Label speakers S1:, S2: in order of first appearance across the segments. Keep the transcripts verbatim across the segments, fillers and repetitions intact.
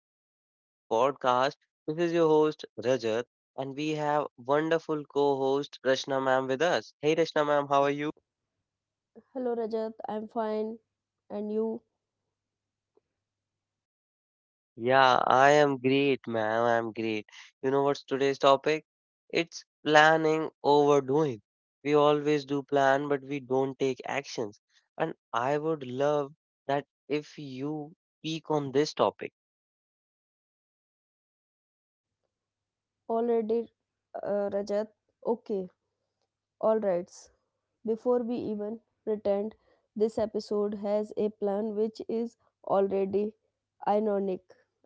S1: episode of our podcast. This is your host, Rajat, and we have wonderful co-host Rashna ma'am with us. Hey, Rashna ma'am, how are
S2: You?
S1: you?
S2: Hello Rajat, I'm fine. And you
S1: Yeah, I am great, ma'am. I am great. You know what's today's topic? It's planning overdoing. We always do plan, but we don't take actions. And I would love that if you speak on this topic.
S2: already, uh, Rajat? Okay, all right. Before we even pretend, this episode has a plan, which is already ironic.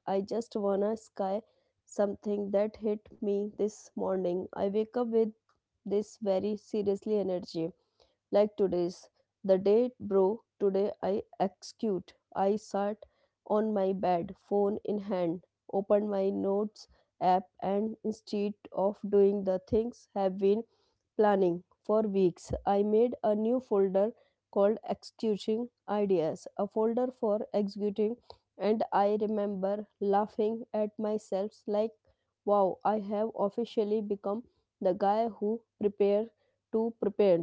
S2: I just wanna sky something that hit me this morning. I wake up with this very seriously energy. Like today's. The date, bro, today I execute. I sat on my bed, phone in hand, opened my notes app, and instead of doing the things have been planning for weeks, I made a new folder called Executing Ideas, a folder for executing, and I remember laughing at myself like, wow, I have officially become the guy who prepare to prepare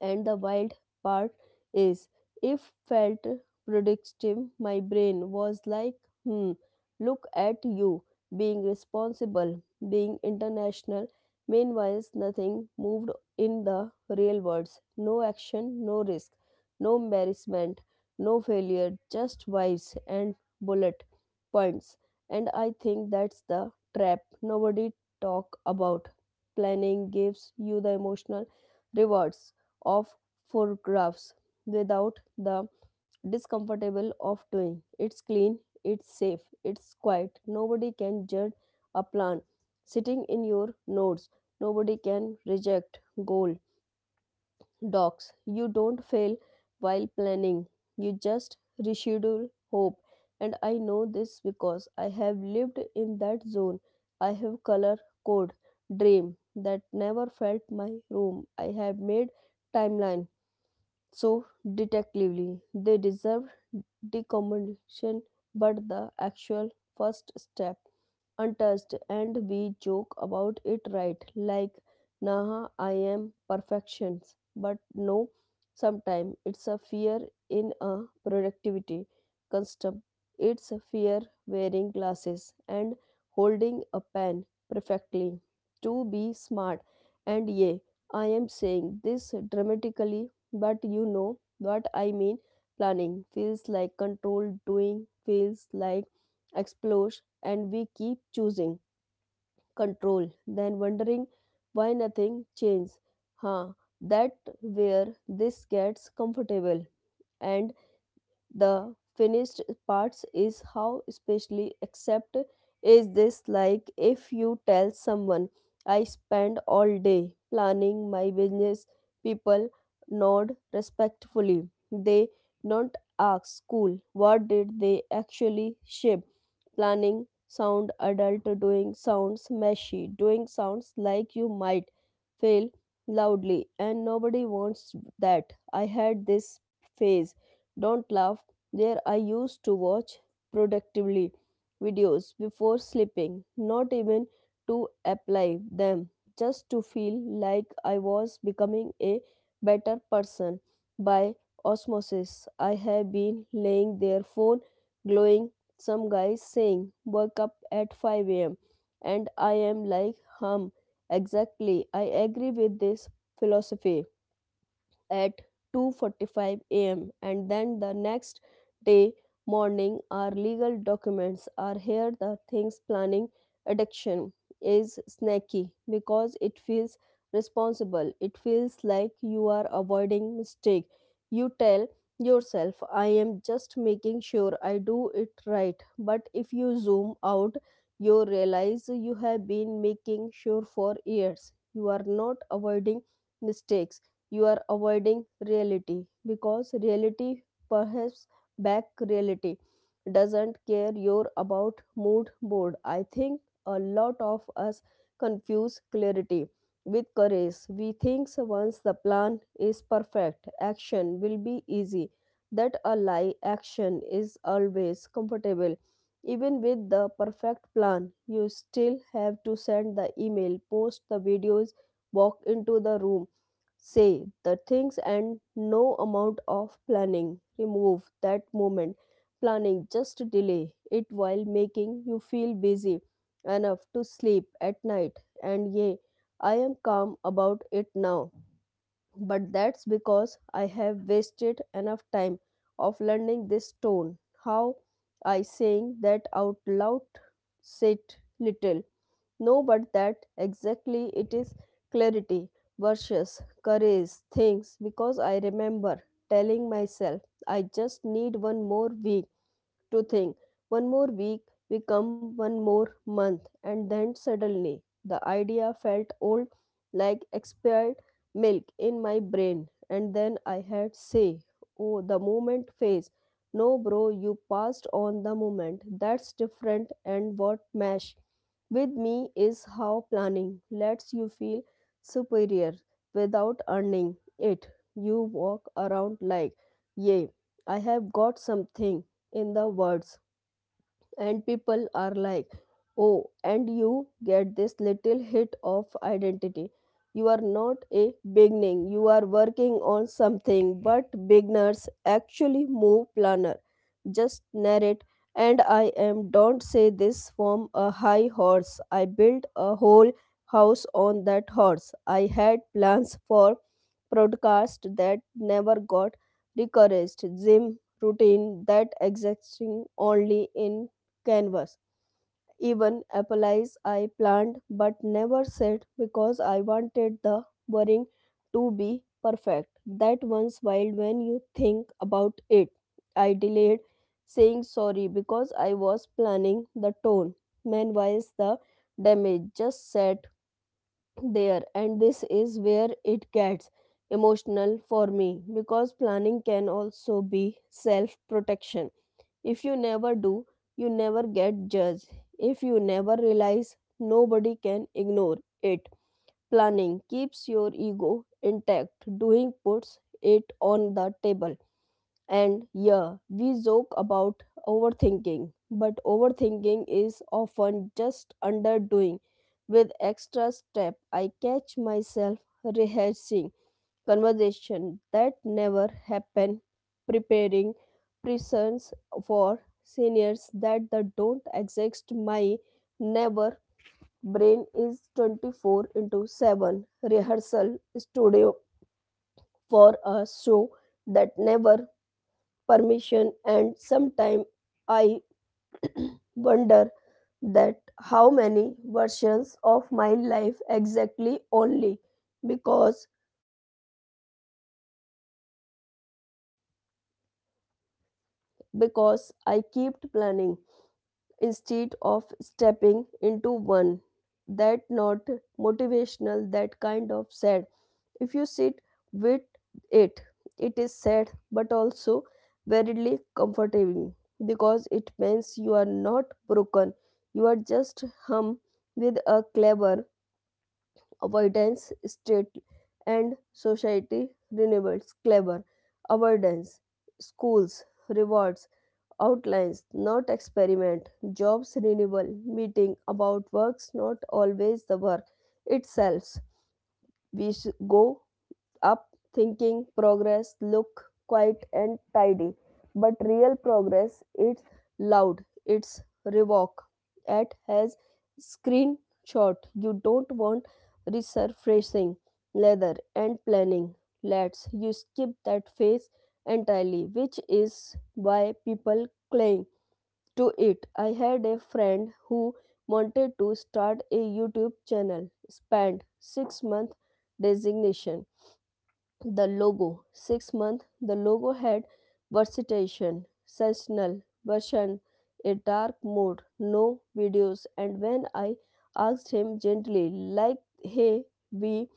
S2: and the wild part is, if felt productive, my brain was like, hmm, look at you being responsible, being international. Meanwhile, nothing moved in the real words. No action, no risk, no embarrassment, no failure, just vibes and bullet points. And I think that's the trap nobody talk about. Planning gives you the emotional rewards of photographs without the discomfortable of doing. It's clean, it's safe, it's quiet. Nobody can judge a plan sitting in your notes. Nobody can reject goal docs. You don't fail while planning. You just reschedule hope. And I know this because I have lived in that zone. I have color code dream that never felt my room. I have made timeline so, detectively, they deserve decomposition but the actual first step untouched and we joke about it right, like, nah, I am perfections but no, sometimes it's a fear in a productivity custom, it's a fear wearing glasses and holding a pen perfectly to be smart. And yeah, I am saying this dramatically, but you know what I mean. Planning feels like control, doing feels like explosion, and we keep choosing control, then wondering why nothing changes. Huh, that where this gets comfortable and the finished parts is how especially except is this, like if you tell someone I spend all day planning my business, people nod respectfully, they not ask school what did they actually ship. Planning sound adult, doing sounds messy, doing sounds like you might fail loudly and nobody wants that. I had this phase, don't laugh there, I used to watch productively videos before sleeping, not even to apply them, just to feel like I was becoming a better person by osmosis. I have been laying their phone glowing, some guys saying wake up at five a m, and I am like, hum, exactly, I agree with this philosophy at two forty-five a m and then the next day morning our legal documents are here the things. Planning addiction is snacky because it feels responsible, it feels like you are avoiding mistake. You tell yourself, I am just making sure I do it right, but if you zoom out you realize you have been making sure for years. You are not avoiding mistakes, you are avoiding reality because reality perhaps back reality doesn't care your about mood board. I think a lot of us confuse clarity with courage. We think once the plan is perfect action will be easy. That a lie. Action is always comfortable. Even with the perfect plan you still have to send the email, post the videos, walk into the room, say the things, and no amount of planning remove that moment. Planning just delay it while making you feel busy enough to sleep at night. And yea, I am calm about it now, but that's because I have wasted enough time of learning this tone. How I saying that out loud? Said little. No, but that exactly it is. Clarity versus courage things, because I remember telling myself I just need one more week to think. One more week become one more month and then suddenly the idea felt old, like expired milk in my brain. And then I had say, oh, the moment phase. No bro, you passed on the moment. That's different. And what mesh with me is how planning lets you feel superior without earning it. You walk around like, yay, I have got something in the words, and people are like, oh, and you get this little hit of identity. You are not a beginning, you are working on something, but beginners actually move. Planar just narrate. And I am don't say this from a high horse, I built a whole house on that horse. I had plans for broadcast that never got recognized, gym routine that existing only in canvas, even applies I planned but never said because I wanted the boring to be perfect. That one's wild when you think about it. I delayed saying sorry because I was planning the tone. Meanwhile, the damage just sat there, and this is where it gets emotional for me, because planning can also be self protection. If you never do, you never get judged. If you never realize, nobody can ignore it. Planning keeps your ego intact, doing puts it on the table. And yeah, we joke about overthinking, but overthinking is often just underdoing with extra step. I catch myself rehearsing conversation that never happen, preparing prisons for seniors that the don't exist. My never brain is twenty-four into seven rehearsal studio for a show that never permission. And sometime I wonder that how many versions of my life exactly only because because I kept planning, instead of stepping into one that not motivational, that kind of sad. If you sit with it, it is sad but also verily comforting, because it means you are not broken, you are just hum with a clever avoidance state. And society renewables clever avoidance, schools rewards outlines, not experiment, jobs renewal, meeting about works, not always the work itself. We sh- go up thinking progress look quiet and tidy, but real progress it's loud, it's revoke. At has screenshot. You don't want resurfacing, leather and planning. Let's you skip that phase entirely, which is why people claim to it. I had a friend who wanted to start a YouTube channel, spent six months designation. The logo. six months the logo had versation, seasonal version, a dark mode, no videos, and when I asked him gently, like, hey, we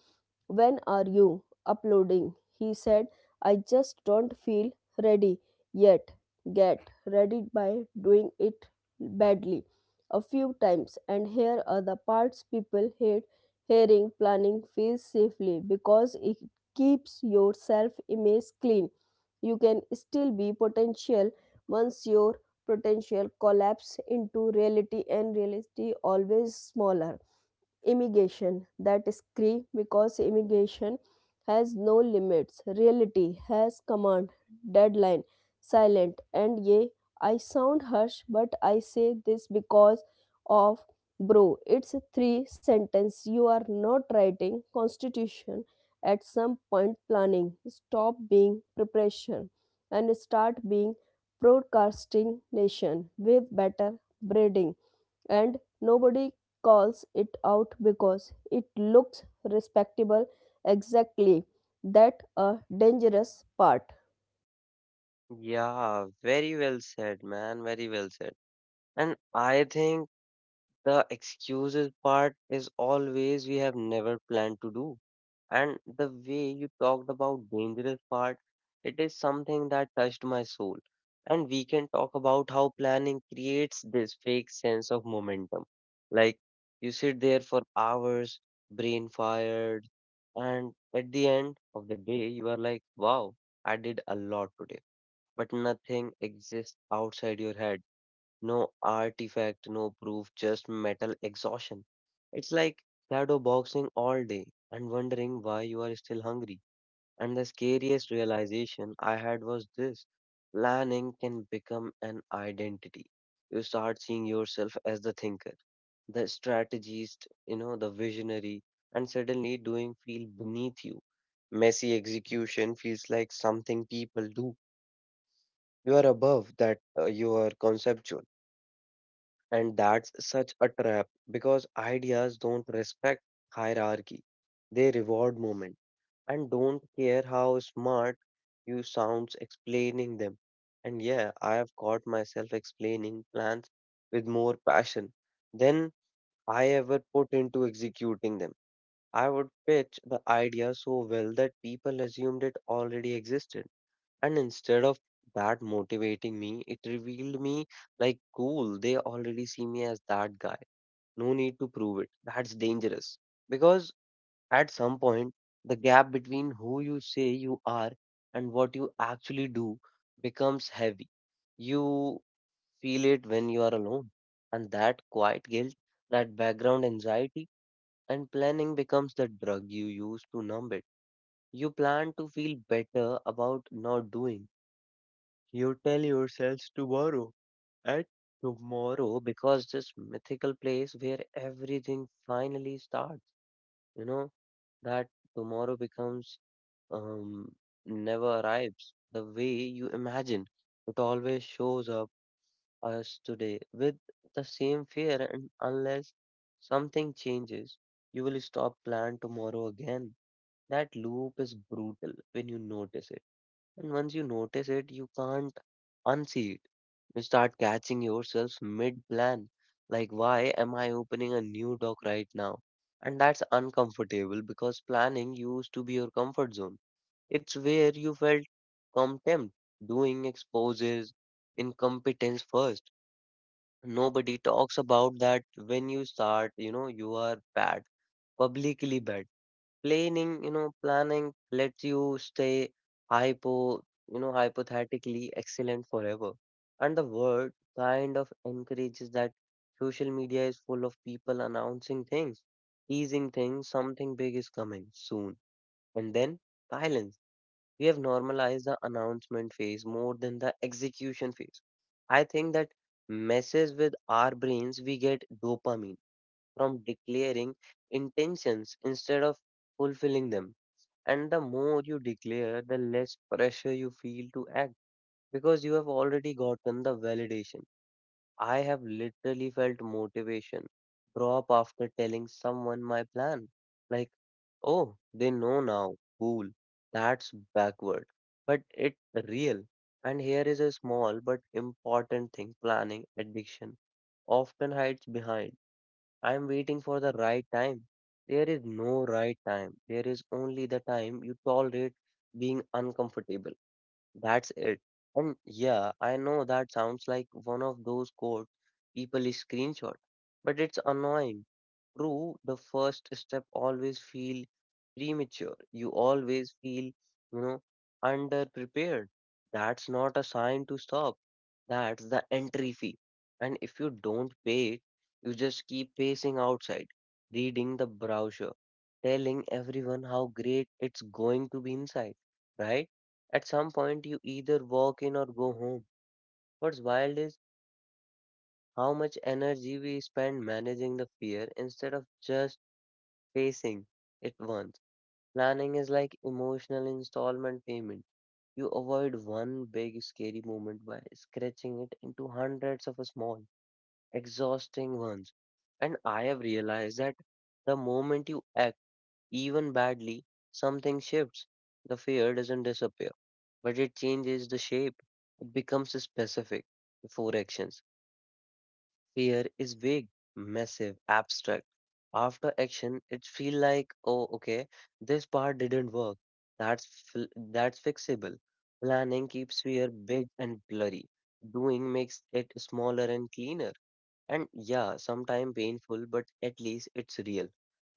S2: when are you uploading? He said, I just don't feel ready yet. Get ready by doing it badly a few times. And here are the parts people hate hearing. Planning feels safely because it keeps your self image clean. You can still be potential once your potential collapse into reality, and reality always smaller immigration. That is scream, because immigration has no limits, reality has command deadline silent. And yea, I sound harsh, but I say this because of, bro, it's a three sentence, you are not writing constitution. At some point planning stop being preparation and start being broadcasting nation with better breeding, and nobody calls it out because it looks respectable. Exactly that a dangerous part.
S1: Yeah, very well said, man. Very well said. And I think the excuses part is always we have never planned to do. And the way you talked about dangerous part, it is something that touched my soul. And we can talk about how planning creates this fake sense of momentum. Like you sit there for hours, brain fired, and at the end of the day, you are like, wow, I did a lot today, but nothing exists outside your head, no artifact, no proof, just metal exhaustion. It's like shadow boxing all day and wondering why you are still hungry. And the scariest realization I had was this: planning can become an identity. You start seeing yourself as the thinker, the strategist, you know, the visionary, and suddenly doing feel beneath you. Messy execution feels like something people do. You are above that, uh, you are conceptual, and that's such a trap because ideas don't respect hierarchy. They reward moment and don't care how smart you sounds explaining them. And yeah, I have caught myself explaining plans with more passion than I ever put into executing them. I would pitch the idea so well that people assumed it already existed. And instead of that motivating me, it revealed me, like cool, they already see me as that guy, no need to prove it. That's dangerous because at some point, the gap between who you say you are and what you actually do becomes heavy. You feel it when you are alone, and that quiet guilt, that background anxiety, and planning becomes the drug you use to numb it. You plan to feel better about not doing. You tell yourselves tomorrow and tomorrow, because this mythical place where everything finally starts, you know, that tomorrow becomes, um, never arrives the way you imagine. It always shows up us today with the same fear, and unless something changes, you will stop plan tomorrow again. That loop is brutal when you notice it, and once you notice it you can't unsee it. You start catching yourself mid plan. Like, why am I opening a new doc right now? And that's uncomfortable because planning used to be your comfort zone. It's where you felt contempt, doing exposes, incompetence first. Nobody talks about that. When you start, you know, you are bad, publicly bad. Planning, you know, planning lets you stay hypo, you know, hypothetically excellent forever. And the word kind of encourages that. Social media is full of people announcing things, teasing things, something big is coming soon. And then silence. We have normalized the announcement phase more than the execution phase. I think that messes with our brains. We get dopamine from declaring intentions instead of fulfilling them. And the more you declare, the less pressure you feel to act because you have already gotten the validation. I have literally felt motivation drop after telling someone my plan. Like, oh, they know now. Cool. That's backward. But it's real. And here is a small but important thing planning addiction often hides behind. I'm waiting for the right time. There is no right time. There is only the time you tolerate being uncomfortable. That's it. And yeah, I know that sounds like one of those quote people is screenshot, but it's annoying. True, the first step always feel premature. You always feel, you know, underprepared. That's not a sign to stop. That's the entry fee. And if you don't pay it, you just keep pacing outside, reading the brochure, telling everyone how great it's going to be inside, right? At some point, you either walk in or go home. What's wild is how much energy we spend managing the fear instead of just facing it once. Planning is like emotional installment payment. You avoid one big scary moment by scratching it into hundreds of small, exhausting ones. And I have realized that the moment you act, even badly, something shifts. The fear doesn't disappear, but it changes the shape. Becomes specific before actions. Fear is vague, massive, abstract. After action, it feel like, oh, okay, this part didn't work. That's fl- that's fixable. Planning keeps fear big and blurry. Doing makes it smaller and cleaner. And yeah, sometimes painful, but at least it's real.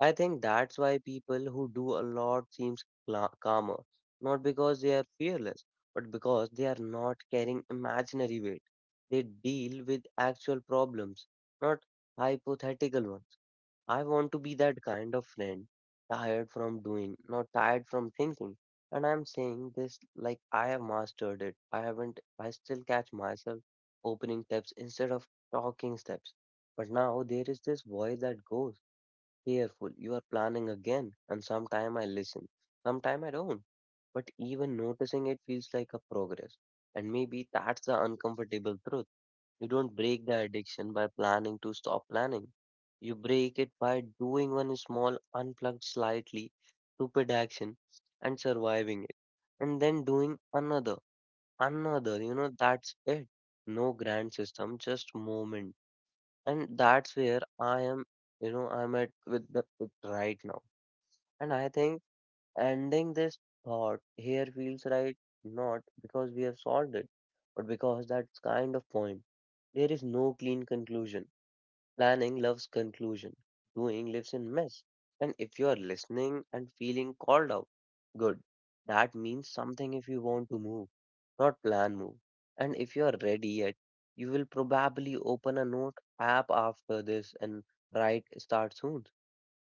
S1: I think that's why people who do a lot seems cla calmer, not because they are fearless, but because they are not carrying imaginary weight. They deal with actual problems, not hypothetical ones. I want to be that kind of friend, tired from doing, not tired from thinking. And I'm saying this like I have mastered it. I haven't, I still catch myself opening tabs instead of talking steps. But now there is this voice that goes, careful, you are planning again. And sometime I listen, sometime I don't. But even noticing it feels like a progress. And maybe that's the uncomfortable truth. You don't break the addiction by planning to stop planning. You break it by doing one small, unplugged, slightly stupid action and surviving it. And then doing another, another, you know, that's it. No grand system, just moment. And that's where I am, you know, I'm at with the it right now. And I think ending this thought here feels right, not because we have solved it, but because that's kind of point. There is no clean conclusion. Planning loves conclusion. Doing lives in mess. And if you are listening and feeling called out, good. That means something. If you want to move, not plan, move. And if you are ready yet, you will probably open a note app after this and write start soon.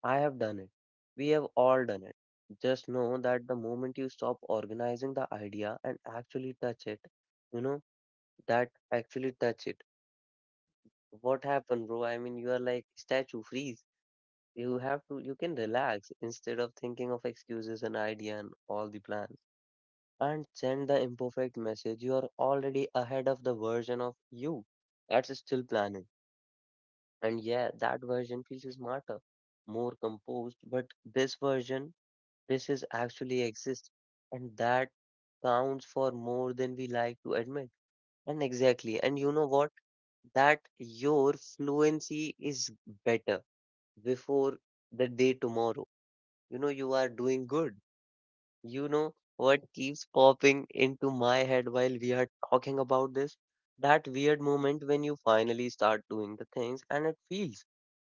S1: I have done it. We have all done it. Just know that the moment you stop organizing the idea and actually touch it, you know, that actually touch it, what happened, bro? I mean, you are like statue, freeze. You have to, you can relax instead of thinking of excuses and idea and all the plans. And send the imperfect message. You are already ahead of the version of you that's still planning. And yeah, that version feels smarter, more composed. But this version, this is actually exists, and that counts for more than we like to admit. And exactly. And you know what? That your fluency is better before the day tomorrow. You know, you are doing good. You know what keeps popping into my head while we are talking about this? That weird moment when you finally start doing the things and it feels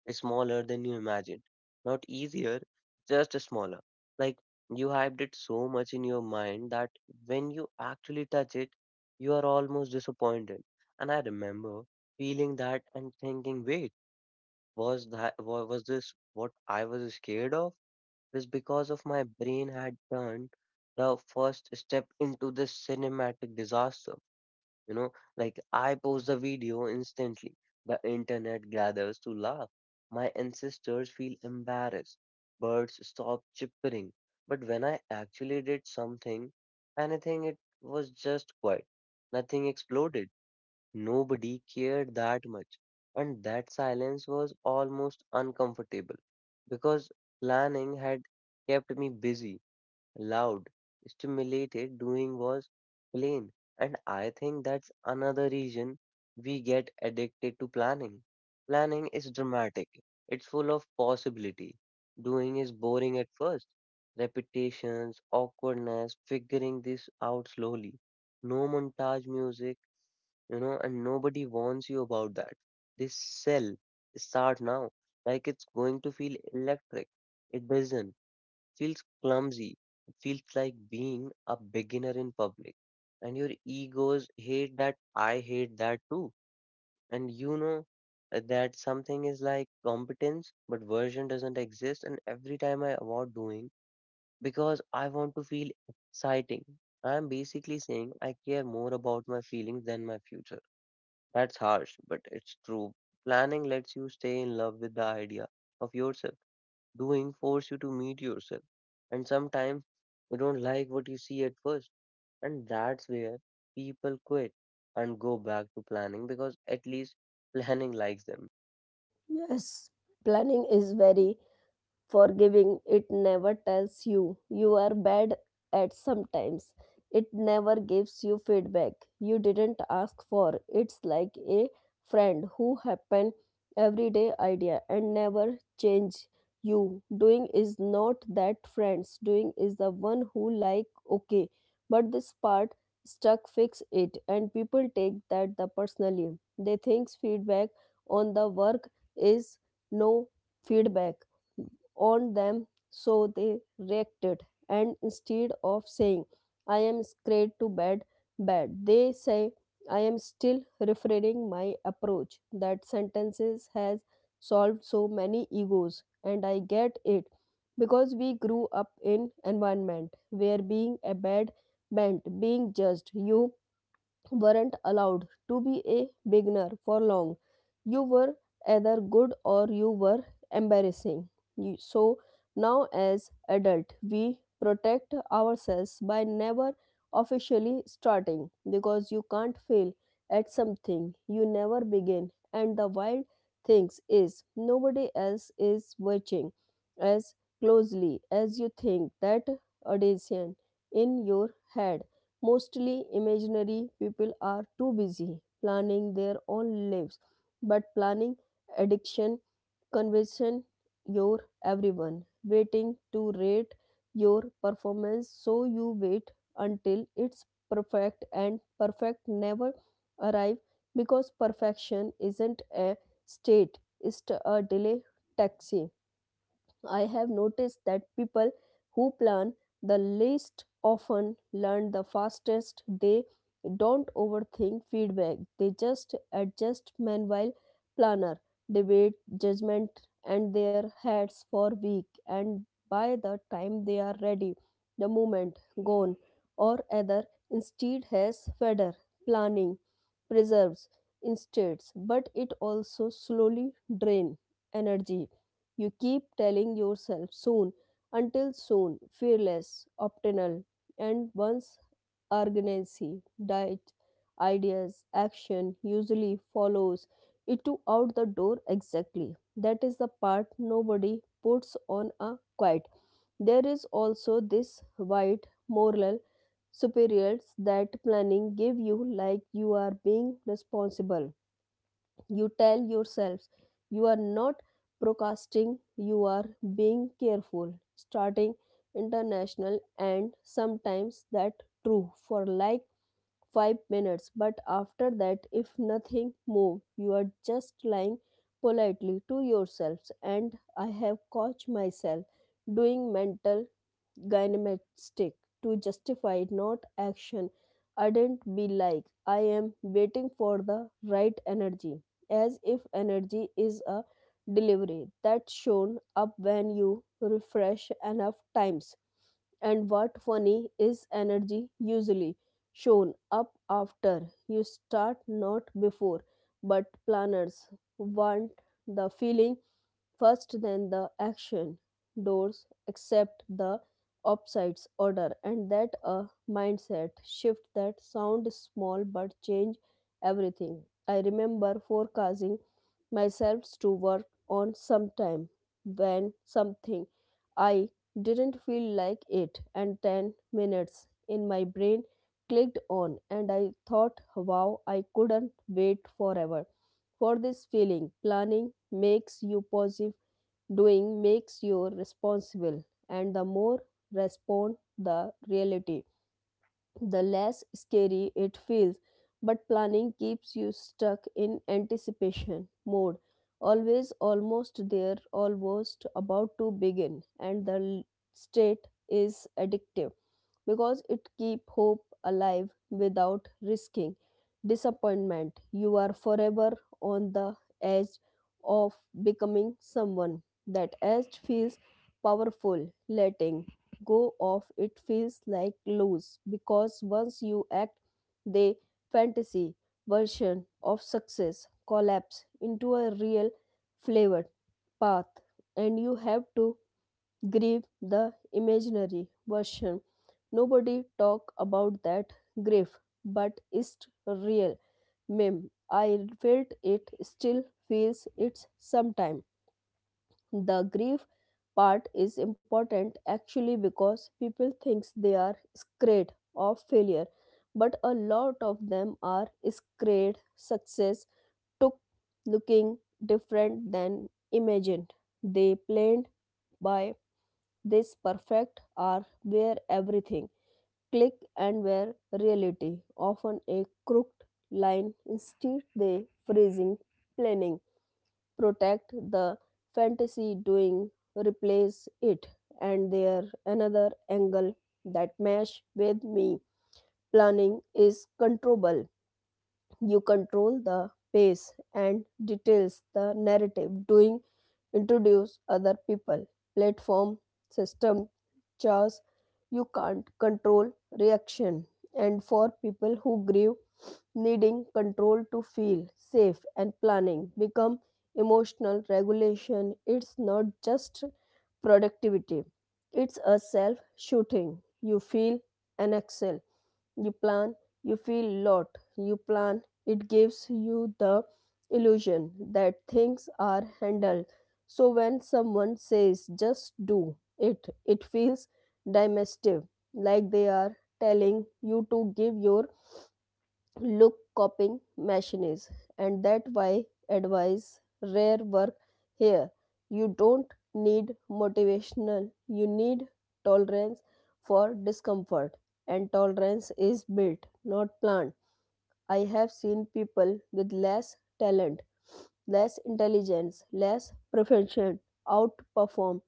S1: smaller than you imagined. Not easier, just smaller. Like you hyped it so much in your mind that when you actually touch it, you are almost disappointed. And I remember feeling that and thinking, wait, was that wa- was this what I was scared of? Is because of my brain had turned the first step into this cinematic disaster. You know, like I post the video instantly. The internet gathers to laugh. My ancestors feel embarrassed. Birds stop chirping. But when I actually did something, anything, it was just quiet. Nothing exploded. Nobody cared that much, and that silence was almost uncomfortable because planning had kept me busy, loud, stimulated, doing was plain. And I think that's another reason we get addicted to planning. Planning is dramatic, it's full of possibility. Doing is boring at first. Repetitions, awkwardness, figuring this out slowly. No montage music, you know, and nobody warns you about that. This sell, start now, like it's going to feel electric. It doesn't. Feels clumsy. It feels like being a beginner in public. And your egos hate that. I hate that too. And you know, uh, that something is like competence, but version doesn't exist. And every time I avoid doing because I want to feel exciting. I'm basically saying I care more about my feelings than my future. That's harsh, but it's true. Planning lets you stay in love with the idea of yourself. Doing force you to meet yourself. And sometimes you don't like what you see at first. And that's where people quit and go back to planning because at least planning likes them.
S2: Yes, planning is very forgiving, it never tells you you are bad at sometimes. It never gives you feedback you didn't ask for. It's like a friend who happen everyday idea and never change you. Doing is not that friends. Doing is the one who like, okay, but this part stuck, fix it, and people take that the personally. They thinks feedback on the work is no feedback on them, so they reacted. And instead of saying, I am scared to bed, bed, they say, I am still refining my approach. That sentences has solved so many egos, and I get it because we grew up in environment where being a bad meant being judged. You weren't allowed to be a beginner for long. You were either good or you were embarrassing. You- So now, as adult, we protect ourselves by never officially starting because you can't fail at something you never begin. And the wild thing is, nobody else is watching as closely as you think. That audition in your head mostly imaginary, people are too busy planning their own lives, but planning addiction conviction your everyone waiting to rate your performance, so you wait until it's perfect, and perfect never arrive because perfection isn't a state, it's a delay taxi. I have noticed that people who plan the least often learn the fastest. They don't overthink feedback, they just adjust. Meanwhile, planner, debate, judgment, and their heads for week. And by the time they are ready, the moment gone, or other instead has feather. Planning preserves insteads, but it also slowly drain energy. You keep telling yourself soon, until soon, fearless, optional, and once urgency, diet, ideas, action usually follows it to out the door. Exactly. That is the part nobody puts on a quiet. There is also this white moral superiors that planning give you, like you are being responsible. You tell yourselves you are not procrastinating, you are being careful starting international, and sometimes that true for like five minutes, but after that if nothing move you are just lying politely to yourselves. And I have caught myself doing mental gymnastic to justify not action, ardent be like I am waiting for the right energy, as if energy is a delivery that's shown up when you refresh enough times. And what funny is energy usually shown up after you start, not before. But planners want the feeling first, then the action doors accept the upside's order, and that a mindset shift that sound small but change everything. I remember forecasting myself to work on sometime when something I didn't feel like it, and ten minutes in my brain clicked on and I thought, wow, I couldn't wait forever for this feeling. Planning makes you positive, doing makes you responsible, and the more respond the reality the less scary it feels. But planning keeps you stuck in anticipation mode, always almost there, almost about to begin, and the l- state is addictive because it keep hope alive without risking disappointment. You are forever on the edge of becoming someone. That edge feels powerful, letting go of it feels like lose, because once you act the fantasy version of success collapse into a real flavored path, and you have to grief the imaginary version. Nobody talk about that grief, but it's real. Mem i felt it, still feels it sometime. The grief part is important actually, because people thinks they are scared of failure, but a lot of them are scared success took looking different than imagined. They planned by this perfect are where everything click, and where reality often a crooked line instead they freezing. Planning protect the fantasy, doing replace it. And there another angle that mesh with me. Planning is controllable, you control the pace and details, the narrative. Doing introduce other people, platform, system, chores you can't control reaction. And for people who grieve, needing control to feel safe and planning become emotional regulation. It's not just productivity, it's a self shooting. You feel and excel you plan, you feel lot, you plan, it gives you the illusion that things are handled. So when someone says just do it, it feels dismissive, like they are telling you to give your look copying machine is. And that why advise rare work here. You don't need motivational, you need tolerance for discomfort, and tolerance is built, not planned. I have seen people with less talent, less intelligence, less profession outperform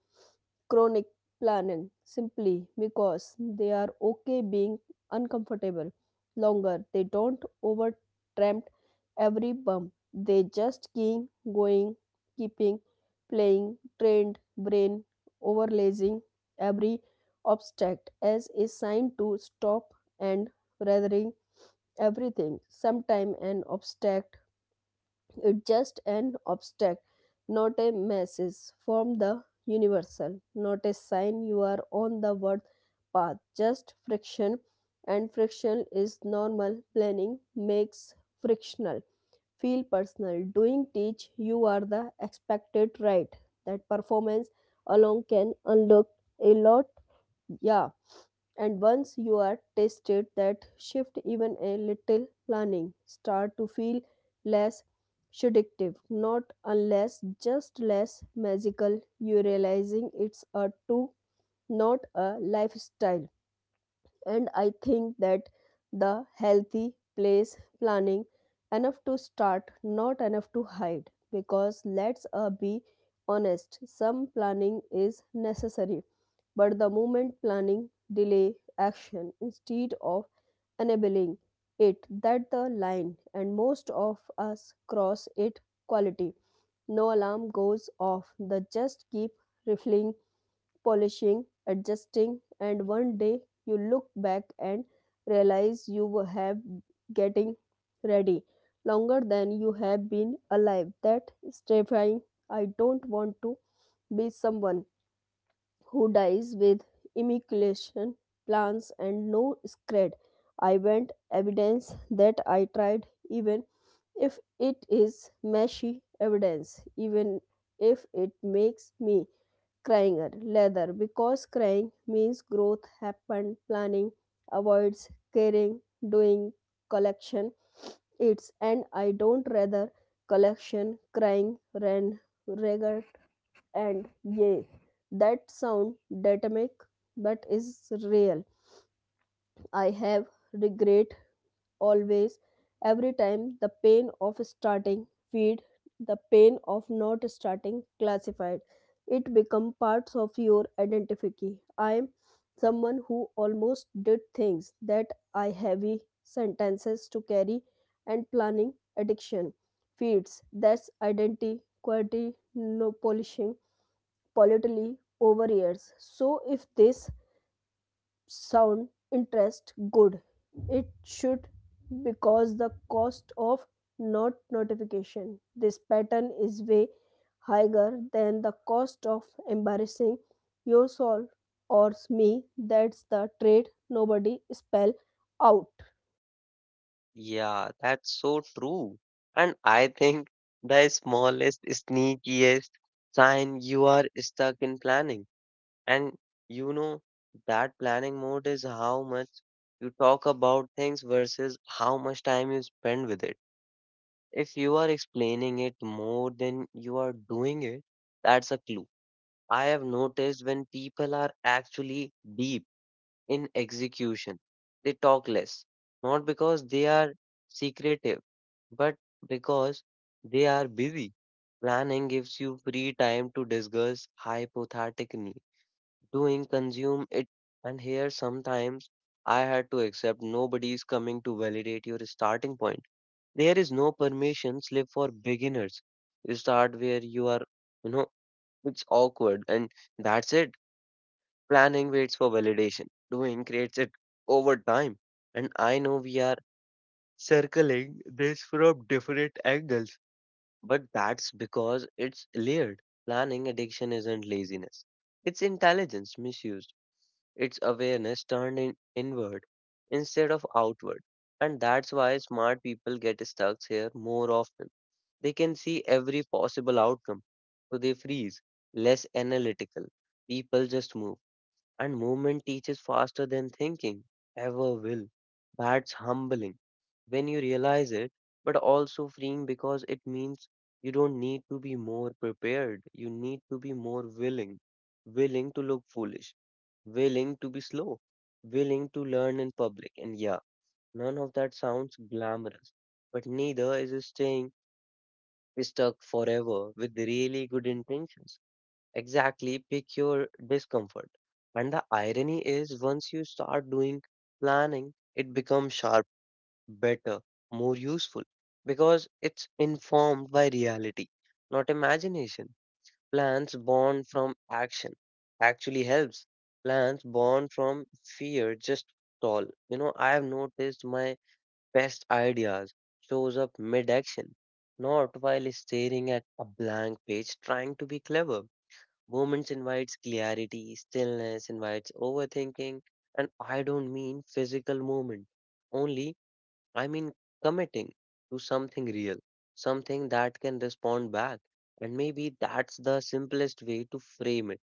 S2: chronic planning simply because they are okay being uncomfortable longer. They don't over tramp every bump. They just keep going, keeping playing, trained brain overlaying every obstacle as a sign to stop, and rather everything sometime an obstacle. It just an obstacle, not a message from the universal, not a sign you are on the word path, just friction. And friction is normal. Planning makes frictional feel personal, doing teach you are the expected right, that performance alone can unlock a lot. Yeah, and once you are tested that shift even a little, planning start to feel less seductive, not unless just less magical. You realizing it's a tool, not a lifestyle. And I think that the healthy place, planning enough to start, not enough to hide. Because let's uh, be honest, some planning is necessary, but the movement planning delay action instead of enabling it, that the line, and most of us cross it quality. No alarm goes off, the just keep rifling, polishing, adjusting, and one day you look back and realize you have getting ready longer than you have been alive. That is terrifying. I don't want to be someone who dies with immaculation plans and no spread. I want evidence that I tried, even if it is messy evidence, even if it makes me crying leather, because crying means growth happened. Planning avoids caring, doing collection it's, and I don't rather collection crying ran regret. And yay, that sound dynamic but is real. I have regret always. Every time the pain of starting feed the pain of not starting classified, it become parts of your identity. I am someone who almost did things, that I heavy sentences to carry. And planning addiction feeds that's identity quality, no polishing politely over years. So if this sound interest good, it should, because the cost of not notification this pattern is way higher than the cost of embarrassing yourself or me. That's the trade nobody spell out.
S1: Yeah, that's so true. And I think the smallest, sneakiest sign you are stuck in planning. And you know, that planning mode is how much you talk about things versus how much time you spend with it. If you are explaining it more than you are doing it, that's a clue. I have noticed when people are actually deep in execution, they talk less, not because they are secretive, but because they are busy. Planning gives you free time to discuss hypothetically doing consume it and here sometimes I had to accept nobody is coming to validate your starting point. There is no permission slip for beginners. You start where you are, you know, it's awkward and that's it. Planning waits for validation, doing creates it over time. And I know we are circling this from different angles, but that's because it's layered. Planning addiction isn't laziness, it's intelligence misused. It's awareness turned in, inward instead of outward. And that's why smart people get stuck here more often. They can see every possible outcome, so they freeze, less analytical. People just move, and movement teaches faster than thinking ever will. That's humbling when you realize it, but also freeing because it means you don't need to be more prepared. You need to be more willing, willing to look foolish, willing to be slow, willing to learn in public. And yeah, none of that sounds glamorous, but neither is staying stuck forever with really good intentions. Exactly, pick your discomfort. And the irony is, once you start doing planning, it becomes sharp, better, more useful because it's informed by reality, not imagination. Plans born from action actually helps. Plans born from fear just stall. You know, I have noticed my best ideas shows up mid-action, not while staring at a blank page trying to be clever. Moments invites clarity, stillness invites overthinking, and I don't mean physical movement only, I mean committing to something real, something that can respond back. And maybe that's the simplest way to frame it.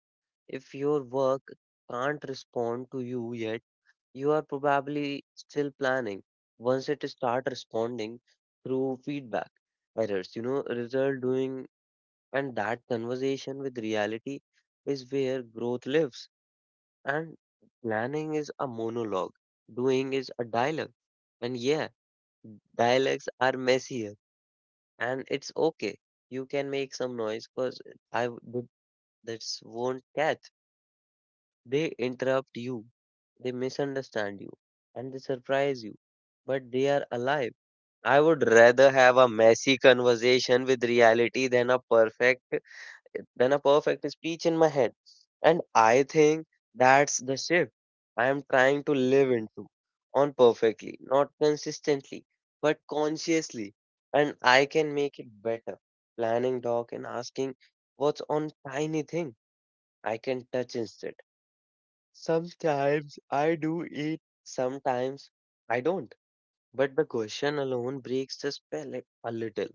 S1: If your work can't respond to you yet, you are probably still planning. Once it start responding through feedback, errors, you know, result doing, and that conversation with reality is where growth lives. And planning is a monologue, doing is a dialogue. And yeah, dialects are messier, and it's okay. You can make some noise because I w- th- that's won't catch. They interrupt you, they misunderstand you, and they surprise you. But they are alive. I would rather have a messy conversation with reality than a perfect than a perfect speech in my head. And I think that's the shift I am trying to live into on perfectly, not consistently, but consciously. And I can make it better. Planning doc and asking what's on tiny thing I can touch instead. Sometimes I do it, sometimes I don't. But the question alone breaks the spell a a little,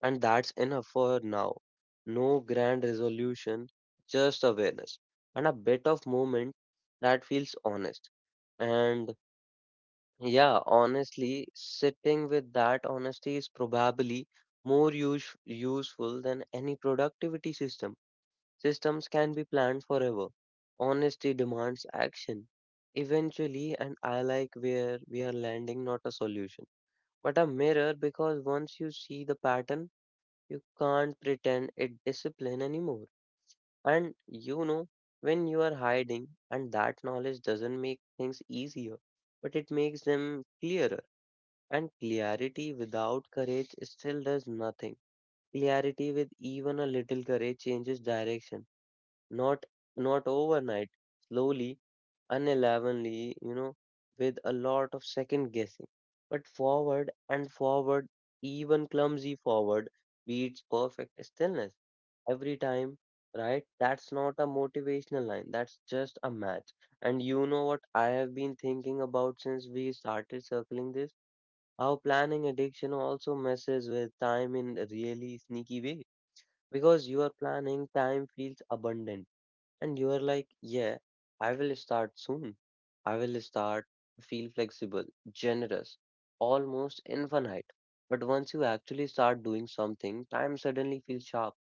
S1: and that's enough for now. No grand resolution, just awareness and a bit of movement that feels honest. And yeah, honestly, sitting with that honesty is probably more use, useful than any productivity system. Systems can be planned forever. Honesty demands action eventually, and I like where we are landing, not a solution but a mirror because once you see the pattern, you can't pretend it discipline anymore. And you know when you are hiding, and that knowledge doesn't make things easier, but it makes them clearer. And clarity without courage still does nothing. Clarity with even a little courage changes direction, not not overnight, slowly, unevenly, you know, with a lot of second guessing. But forward and forward, even clumsy forward, beats perfect stillness every time, right? That's not a motivational line, that's just a match. And you know what I have been thinking about since we started circling this? How planning addiction also messes with time in a really sneaky way. Because your planning time feels abundant and you are like, yeah, I will start soon. I will start to feel flexible, generous, almost infinite. But once you actually start doing something, time suddenly feels sharp,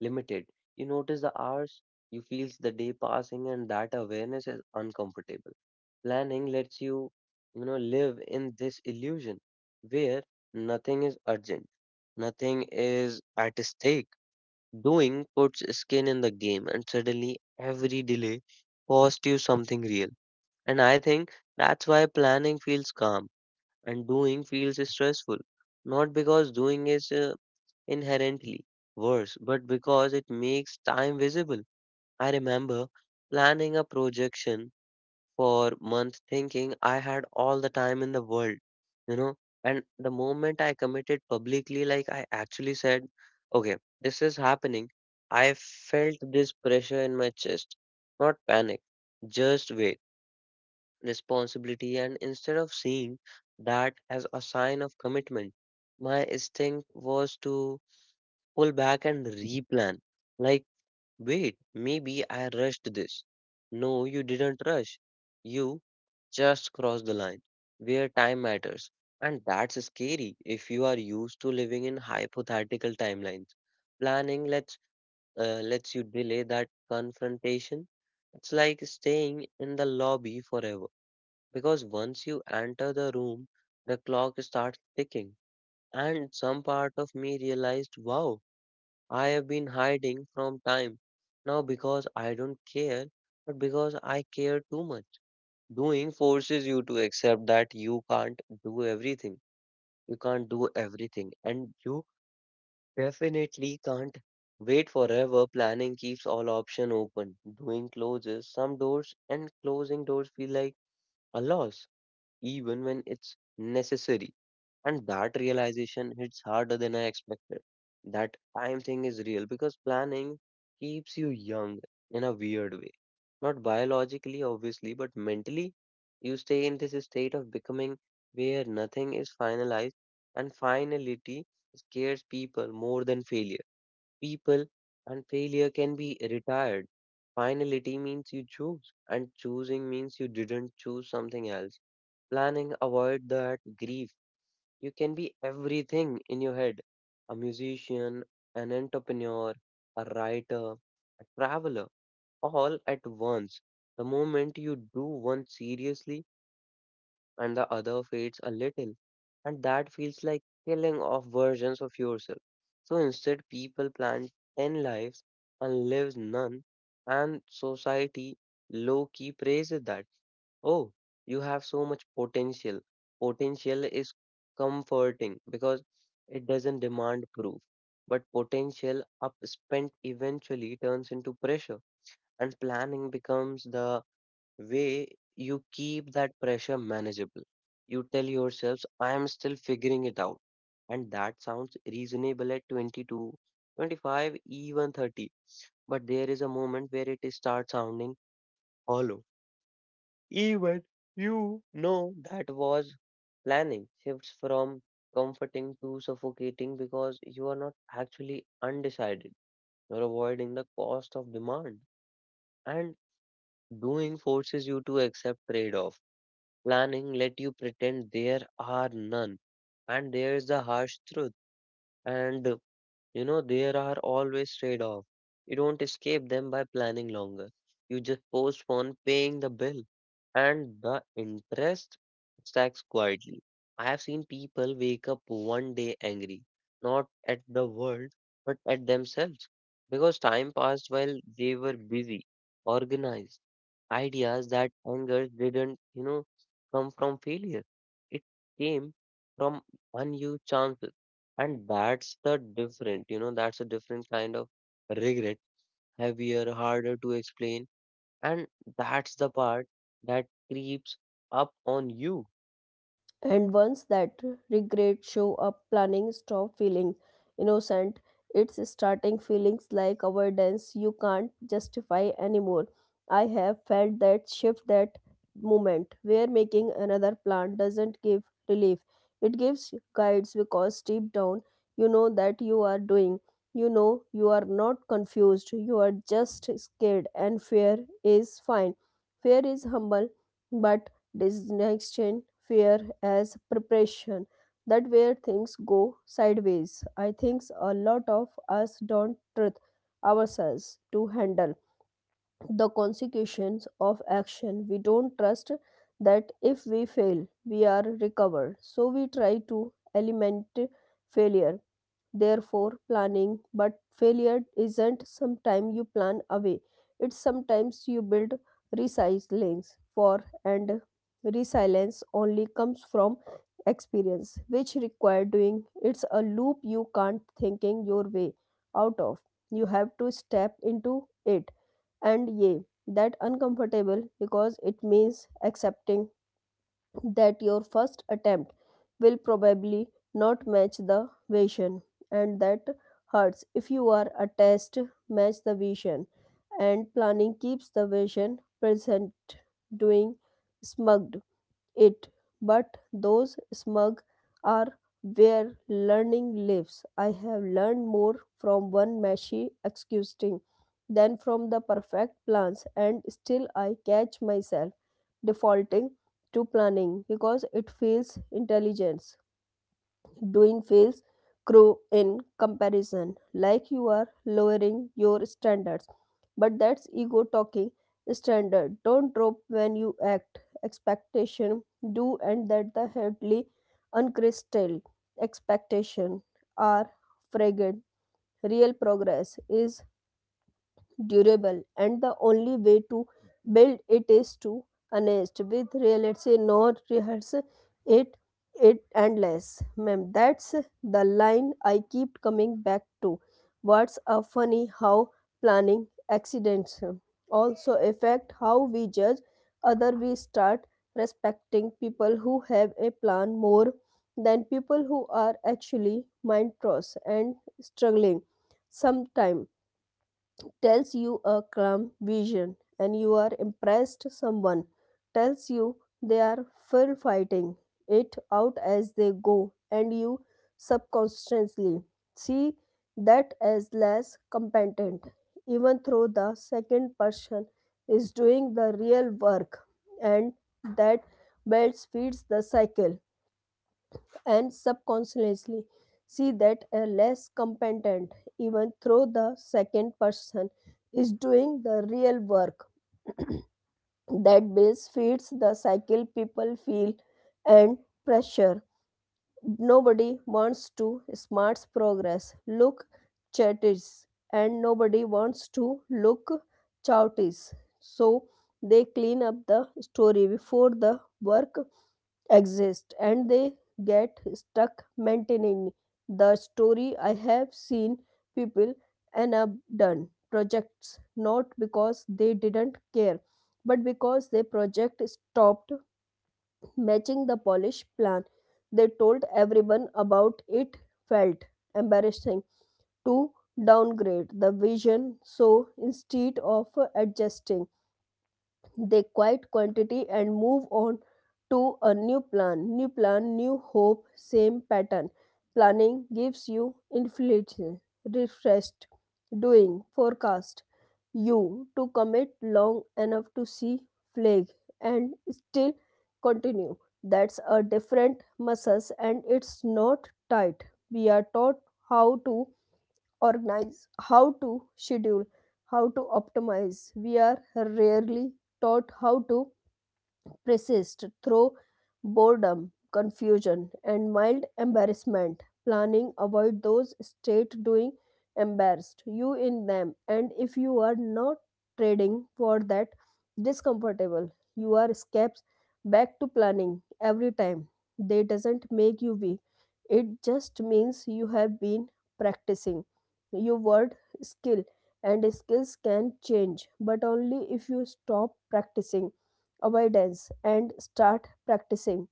S1: limited. You notice the hours, you feel the day passing, and that awareness is uncomfortable. Planning lets you, you know, live in this illusion where nothing is urgent, nothing is at stake. Doing puts skin in the game, and suddenly every delay costs you something real. And I think that's why planning feels calm and doing feels stressful. Not because doing is uh, inherently worse, but because it makes time visible. I remember planning a projection for months thinking I had all the time in the world, you know. And the moment I committed publicly, like I actually said, okay, this is happening, I felt this pressure in my chest. Not panic, just wait, responsibility. And instead of seeing that as a sign of commitment, my instinct was to pull back and replan. Like, wait, maybe I rushed this. No, you didn't rush. You just crossed the line where time matters. And that's scary if you are used to living in hypothetical timelines. Planning lets, uh, lets you delay that confrontation. It's like staying in the lobby forever because once you enter the room, the clock starts ticking. And some part of me realized, wow, I have been hiding from time now because I don't care, but because I care too much. Doing forces you to accept that you can't do everything. You can't do everything. And you definitely can't wait forever. Planning keeps all options open. Doing closes some doors, and closing doors feel like a loss, even when it's necessary. And that realization hits harder than I expected. That time thing is real because planning keeps you young in a weird way. Not biologically, obviously, but mentally, you stay in this state of becoming where nothing is finalized, and finality scares people more than failure. People and failure can be retired. Finality means you choose, and choosing means you didn't choose something else. Planning avoid that grief. You can be everything in your head, a musician, an entrepreneur, a writer, a traveler, all at once. The moment you do one seriously, and the other fades a little, and that feels like killing off versions of yourself. So instead, people plan ten lives and lives none, and society low key praises that. Oh, you have so much potential. Potential is comforting because it doesn't demand proof. But potential upspent eventually turns into pressure, and planning becomes the way you keep that pressure manageable. You tell yourselves, I am still figuring it out. And that sounds reasonable at twenty-two, twenty-five, even thirty. But there is a moment where it starts sounding hollow. Even you know that was planning shifts from comforting to suffocating because you are not actually undecided. You're avoiding the cost of demand. And doing forces you to accept trade off, planning let you pretend there are none. And there is the harsh truth. And uh, you know, there are always trade off. You don't escape them by planning longer. You just postpone paying the bill and the interest stacks quietly. I have seen people wake up one day angry, not at the world, but at themselves, because time passed while they were busy, organized ideas that anger didn't, you know, come from failure. It came from unused chances. And that's the different, you know, that's a different kind of regret, heavier, harder to explain. And that's the part that creeps up on you.
S2: And once that regret show up, planning stop feeling innocent. It's starting feelings like avoidance you can't justify anymore. I have felt that shift, that moment where making another plan doesn't give relief, it gives guides, because deep down you know that you are doing. You know you are not confused, you are just scared, and fear is fine. Fear is humble, but distinction fear as preparation, that where things go sideways. I think a lot of us don't trust ourselves to handle the consequences of action. We don't trust that if we fail, we are recovered. So we try to eliminate failure, therefore planning. But failure isn't sometimes you plan away, it's sometimes you build resilience for, and resilience only comes from experience, which require doing. It's a loop you can't thinking your way out of. You have to step into it. And yeah, that uncomfortable because it means accepting that your first attempt will probably not match the vision, and that hurts if you are a test match the vision. And planning keeps the vision present, doing smug it, but those smug are where learning lives. I have learned more from one messy excusing than from the perfect plans, and still I catch myself defaulting to planning because it feels intelligence. Doing feels cruel in comparison, like you are lowering your standards. But that's ego talking. Standard don't drop when you act, expectation do, and that the headly uncrystal expectation are fragrant. Real progress is durable, and the only way to build it is to honest with real, let's say, not rehearse it, it endless, ma'am. That's the line I keep coming back to. What's a funny how planning accidents also affect how we judge other. We start respecting people who have a plan more than people who are actually mind trust and struggling. Sometimes tells you a calm vision and you are impressed, someone tells you they are full fighting it out as they go, and you subconsciously see that as less competent, even though the second person is doing the real work. And that belt feeds the cycle. And subconsciously see that a less competent, even though the second person is doing the real work. That base feeds the cycle. People feel and pressure. Nobody wants to smart's progress look chatties, and nobody wants to look chouties. So they clean up the story before the work exist, and they get stuck maintaining the story. I have seen people end up done projects not because they didn't care, but because their project stopped matching the polished plan. They told everyone about it, felt embarrassing to downgrade the vision, so instead of adjusting they quiet quantity and move on to a new plan, new plan, new hope, same pattern. Planning gives you inflation refreshed, doing forecast you to commit long enough to see flag and still continue. That's a different muscles, and it's not tight we are taught how to organize, how to schedule, how to optimize. We are rarely taught how to persist through boredom, confusion, and mild embarrassment. Planning avoid those state, doing embarrassed you in them, and if you are not trading for that discomfortable you are steps back to planning every time. They doesn't make you weak, it just means you have been practicing your word skill, and skills can change, but only if you stop practicing avoidance and start practicing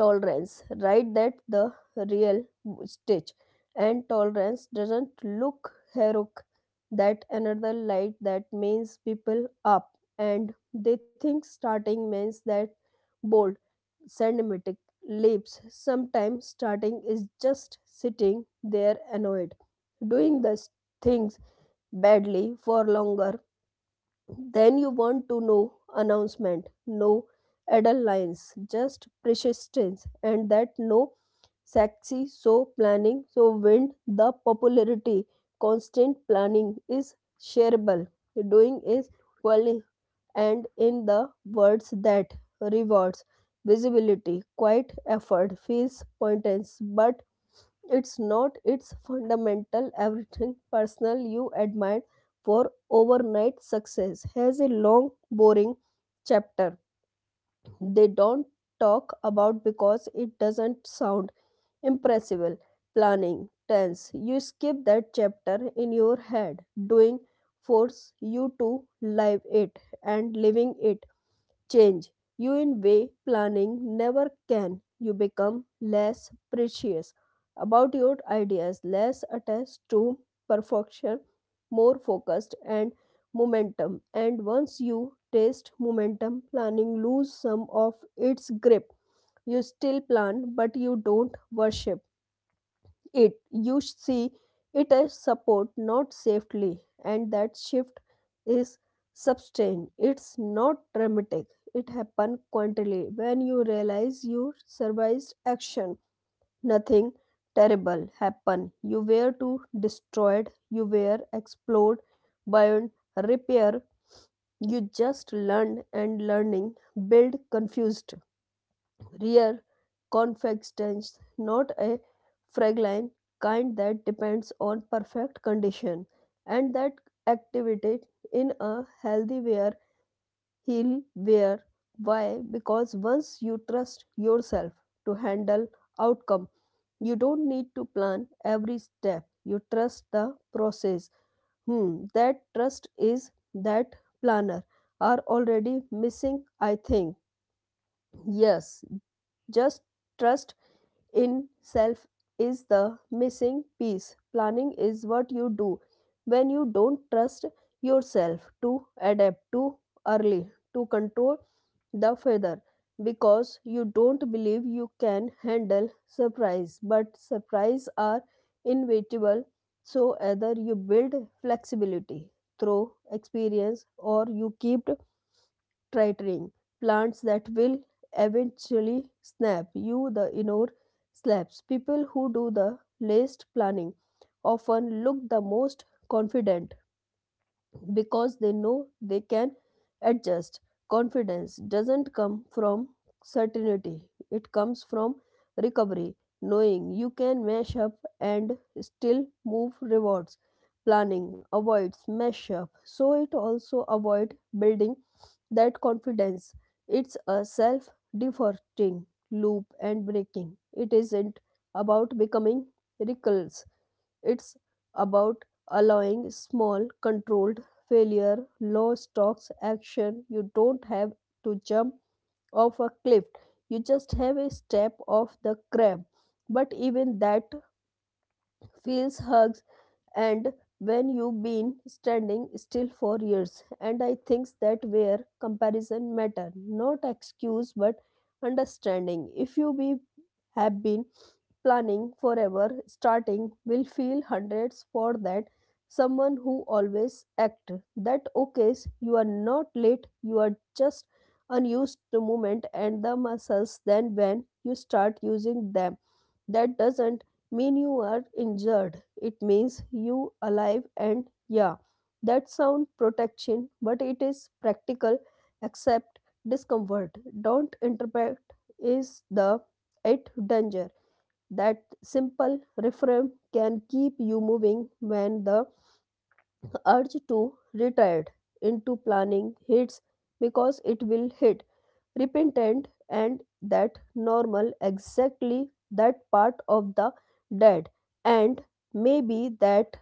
S2: tolerance. Right, that the real stitch. And tolerance doesn't look heroic, that another light that means people up. And they think starting means that bold, cinematic leaps. Sometimes starting is just sitting there annoyed, doing the things badly for longer then you want to know announcement, no adult lines, just persistence, and that no sexy. So planning so wind the popularity. Constant planning is shareable. Doing is quali- and in the words that rewards visibility, quiet effort feels pointless, but it's not, its fundamental. Everything personal you admire for overnight success has a long boring chapter they don't talk about because it doesn't sound impressible. Planning tense you skip that chapter in your head, doing force you to live it, and living it change you in way planning never can. You become less precious about your ideas, less attached to perfection, more focused and momentum. And once you taste momentum, planning lose some of its grip. You still plan, but you don't worship it, you see it as support, not safely. And that shift is sustained, it's not dramatic, it happened quietly when you realize you survived action. Nothing terrible happened, you were too destroyed, you were explored, burned, repair, you just learned, and learning build confused rear confections, not a fragile kind that depends on perfect condition, and that activity in a healthy wear, heal wear. Why? Because once you trust yourself to handle outcome, you don't need to plan every step. You trust the process. Hmm, that trust is that planner are already missing, I think. Yes, just trust in self is the missing piece. Planning is what you do when you don't trust yourself to adapt too early, to control the weather, because you don't believe you can handle surprise. But surprise are inevitable, so either you build flexibility through experience or you keep tritering plants that will eventually snap you the inner slaps. People who do the least planning often look the most confident because they know they can adjust. Confidence doesn't come from certainty, it comes from recovery, knowing you can mash up and still move rewards. Planning avoids mash up, so it also avoid building that confidence. It's a self defaulting loop, and breaking it isn't about becoming reckless. It's about allowing small, controlled failure, low stocks action. You don't have to jump off a cliff, you just have a step off the crab. But even that feels hugs, and when you've been standing still for years. And I think that where comparison matter, not excuse but understanding. If you be, have been planning forever, starting will feel hundreds for that someone who always act. That okays, you are not late, you are just unused to movement and the muscles, then when you start using them, that doesn't mean you are injured, it means you alive. And yeah, that sound protection but it is practical. Accept discomfort, don't interpret is the it danger. That simple refrain can keep you moving when the urge to retreat into planning hits, because it will hit repentant, and that normal, exactly, that part of the dead. And maybe that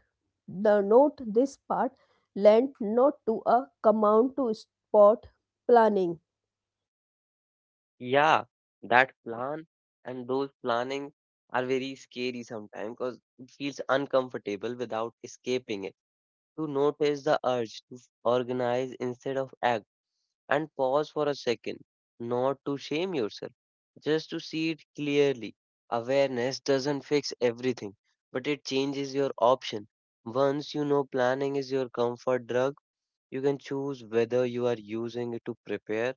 S2: the note this part lent, not to a command to spot planning.
S1: Yeah, that plan and those planning are very scary sometimes because it feels uncomfortable without escaping it. To notice the urge to organize instead of act and pause for a second, not to shame yourself, just to see it clearly. Awareness doesn't fix everything, but it changes your option. Once you know planning is your comfort drug, you can choose whether you are using it to prepare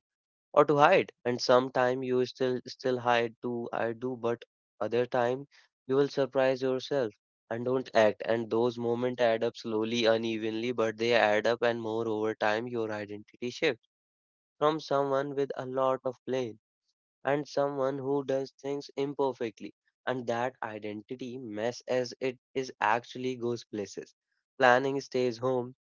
S1: or to hide. And sometime you still still hide to I do, but other time you will surprise yourself and don't act. And those moments add up slowly, unevenly, but they add up, and more over time, your identity shifts from someone with a lot of blame and someone who does things imperfectly. And that identity mess as it is actually goes places. Planning stays home,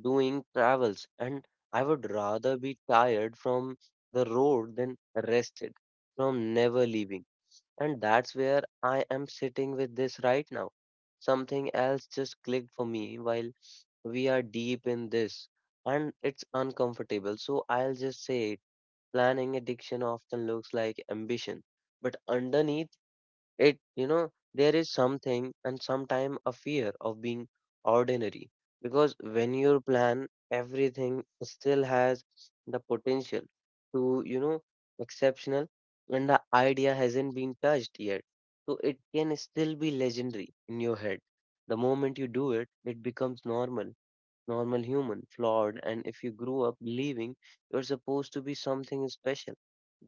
S1: doing travels, and I would rather be tired from the road than rested from never leaving. And that's where I am sitting with this right now. Something else just clicked for me while we are deep in this, and it's uncomfortable, so I'll just say it. Planning addiction often looks like ambition, but underneath it, you know, there is something and sometime a fear of being ordinary. Because when you plan, everything still has the potential to, you know, exceptional, and the idea hasn't been touched yet. So it can still be legendary in your head. The moment you do it, it becomes normal normal human, flawed, and if you grew up believing you're supposed to be something special,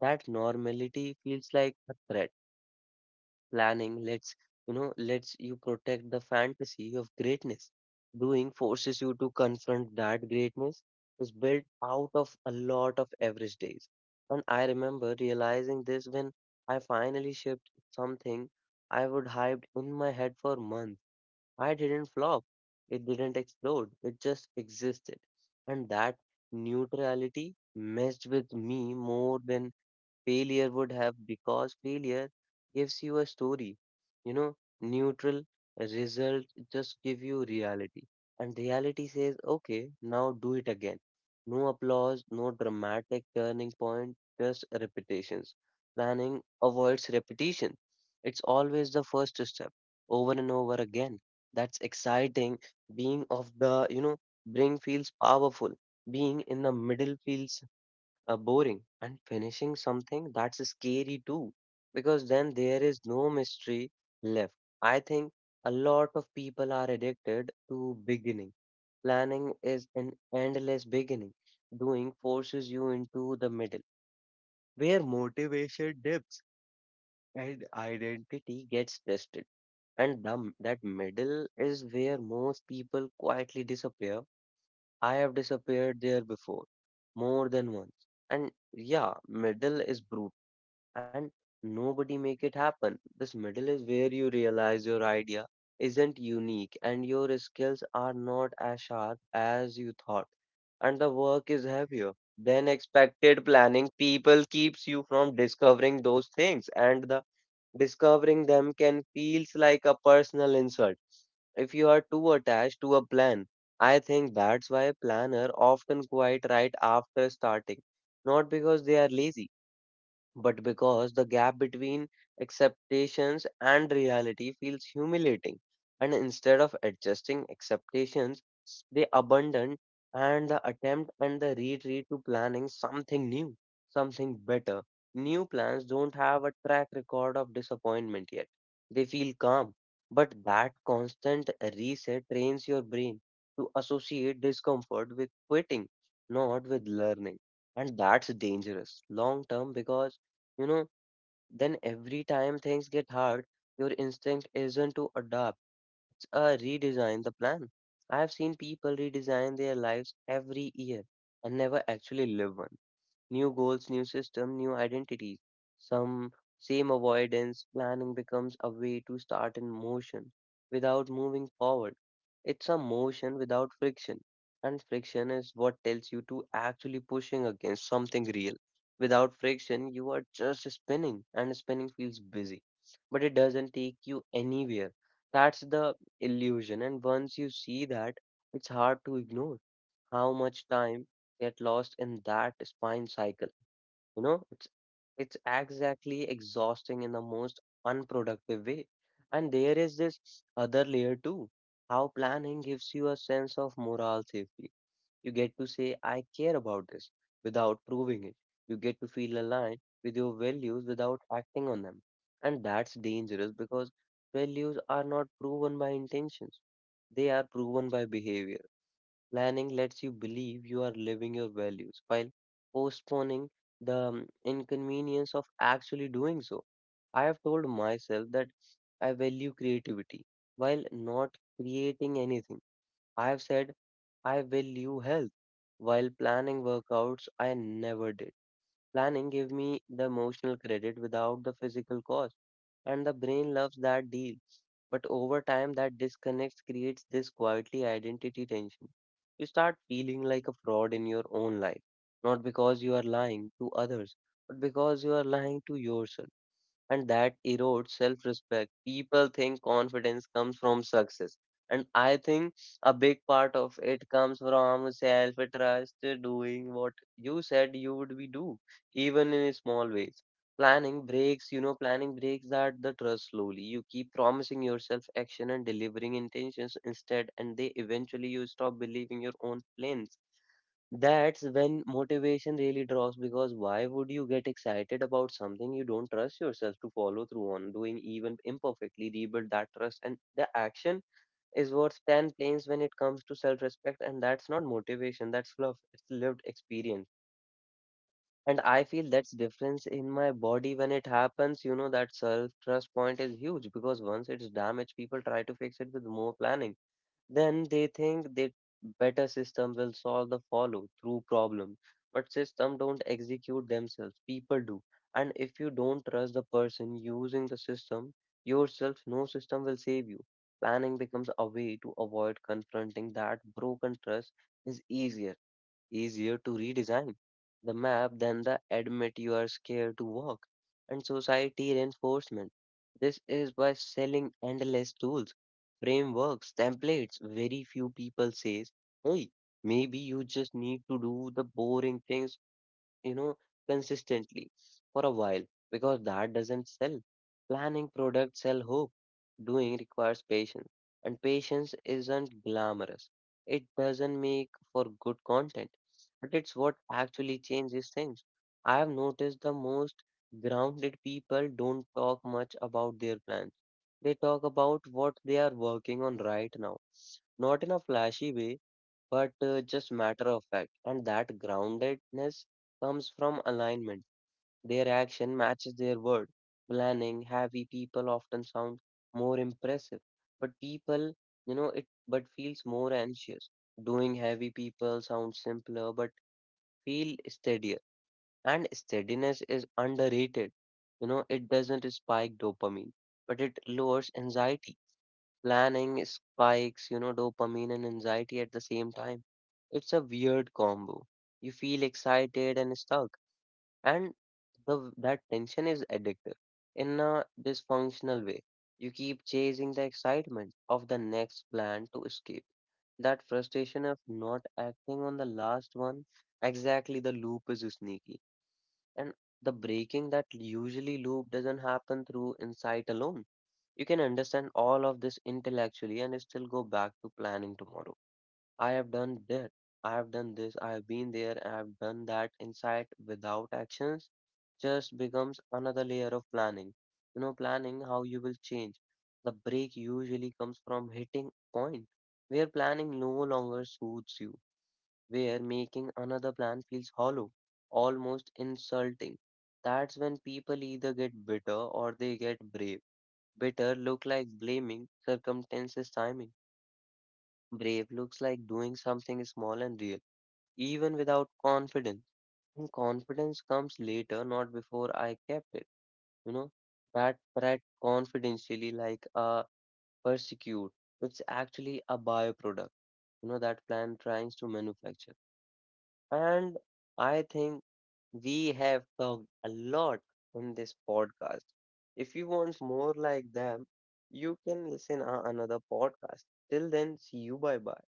S1: that normality feels like a threat. Planning lets you know lets you protect the fantasy of greatness. Doing forces you to confront that greatness is built out of a lot of average days. And I remember realizing this when I finally shipped something I would hyped in my head for months. I didn't flop. It didn't explode. It just existed. And that neutrality messed with me more than failure would have because failure gives you a story. You know, neutral result just give you reality. And reality says, okay, now do it again. No applause, no dramatic turning point, just repetitions. Planning avoids repetition. It's always the first step, over and over again. That's exciting. Being of the, you know, bring feels powerful. Being in the middle feels uh, boring, and finishing something that's scary too, because then there is no mystery left. I think a lot of people are addicted to beginning. Planning is an endless beginning. Doing forces you into the middle, where motivation dips and identity gets tested. And dumb, that middle is where most people quietly disappear. I have disappeared there before, more than once, and yeah, middle is brutal. And nobody make it happen. This middle is where you realize your idea isn't unique and your skills are not as sharp as you thought, and the work is heavier than expected. Planning people keeps you from discovering those things, and the discovering them can feels like a personal insult if you are too attached to a plan. I think that's why planner often quite right after starting, not because they are lazy, but because the gap between expectations and reality feels humiliating. And instead of adjusting expectations, they abandon and the attempt and the retreat to planning something new, something better. New plans don't have a track record of disappointment yet. They feel calm, but that constant reset trains your brain to associate discomfort with quitting, not with learning. And that's dangerous long term because, you know, then every time things get hard, your instinct isn't to adapt, it's, uh, redesign the plan. I have seen people redesign their lives every year and never actually live one. New goals, new system, new identities. Some same avoidance. Planning becomes a way to start in motion without moving forward. It's a motion without friction. And friction is what tells you to actually pushing against something real. Without friction, you are just spinning, and spinning feels busy, but it doesn't take you anywhere. That's the illusion. And once you see that, it's hard to ignore how much time get lost in that spine cycle. You know, it's it's exactly exhausting in the most unproductive way. And there is this other layer too. How planning gives you a sense of moral safety. You get to say, I care about this without proving it. You get to feel aligned with your values without acting on them. And that's dangerous because values are not proven by intentions, they are proven by behavior. Planning lets you believe you are living your values while postponing the um, inconvenience of actually doing so. I have told myself that I value creativity while not creating anything. I have said I value health while planning workouts I never did. Planning give me the emotional credit without the physical cost, and the brain loves that deal. But over time, that disconnect creates this quietly identity tension. You start feeling like a fraud in your own life, not because you are lying to others, but because you are lying to yourself, and that erodes self respect. People think confidence comes from success, and I think a big part of it comes from self trust, doing what you said you would be do, even in small ways. Planning breaks, you know, planning breaks that the trust slowly. You keep promising yourself action and delivering intentions instead, and they eventually you stop believing your own plans. That's when motivation really drops, because why would you get excited about something you don't trust yourself to follow through on? Doing, even imperfectly, rebuild that trust, and the action is worth ten planes when it comes to self-respect. And that's not motivation, that's fluff, it's lived experience, and I feel that's difference in my body when it happens. You know, that self-trust point is huge because once it's damaged, people try to fix it with more planning. Then they think that better system will solve the follow through problem. But system don't execute themselves, people do. And if you don't trust the person using the system, yourself, no system will save you. Planning becomes a way to avoid confronting that broken trust. Is easier easier to redesign the map than the admit you are scared to walk. And society reinforcement. This is by selling endless tools, frameworks, templates. Very few people says, hey, maybe you just need to do the boring things, you know, consistently, for a while, because that doesn't sell. Planning products sell hope. Doing requires patience, and patience isn't glamorous. It doesn't make for good content, but it's what actually changes things. I have noticed the most grounded people don't talk much about their plans. They talk about what they are working on right now, not in a flashy way but uh, just matter of fact. And that groundedness comes from alignment. Their action matches their word. Planning, heavy people often sound more impressive, but people, you know, it but feels more anxious. Doing heavy people sounds simpler, but feel steadier. And steadiness is underrated. You know, it doesn't spike dopamine, but it lowers anxiety. Planning spikes, you know, dopamine and anxiety at the same time. It's a weird combo. You feel excited and stuck, and the that tension is addictive in a dysfunctional way. You keep chasing the excitement of the next plan to escape that frustration of not acting on the last one. Exactly, the loop is sneaky. And the breaking that usually loop doesn't happen through insight alone. You can understand all of this intellectually and still go back to planning tomorrow. I have done that. I have done this. I have been there. I have done that. Insight without actions just becomes another layer of planning. You know, planning how you will change. The break usually comes from hitting a point where planning no longer suits you, where making another plan feels hollow, almost insulting. That's when people either get bitter or they get brave. Bitter look like blaming circumstances, timing. Brave looks like doing something small and real, even without confidence. And confidence comes later, not before. I kept it. You know, that threat confidentially like a persecute. It's actually a byproduct, you know, that plan tries to manufacture. And I think we have talked a lot on this podcast. If you want more like them, you can listen to another podcast. Till then, see you. Bye bye.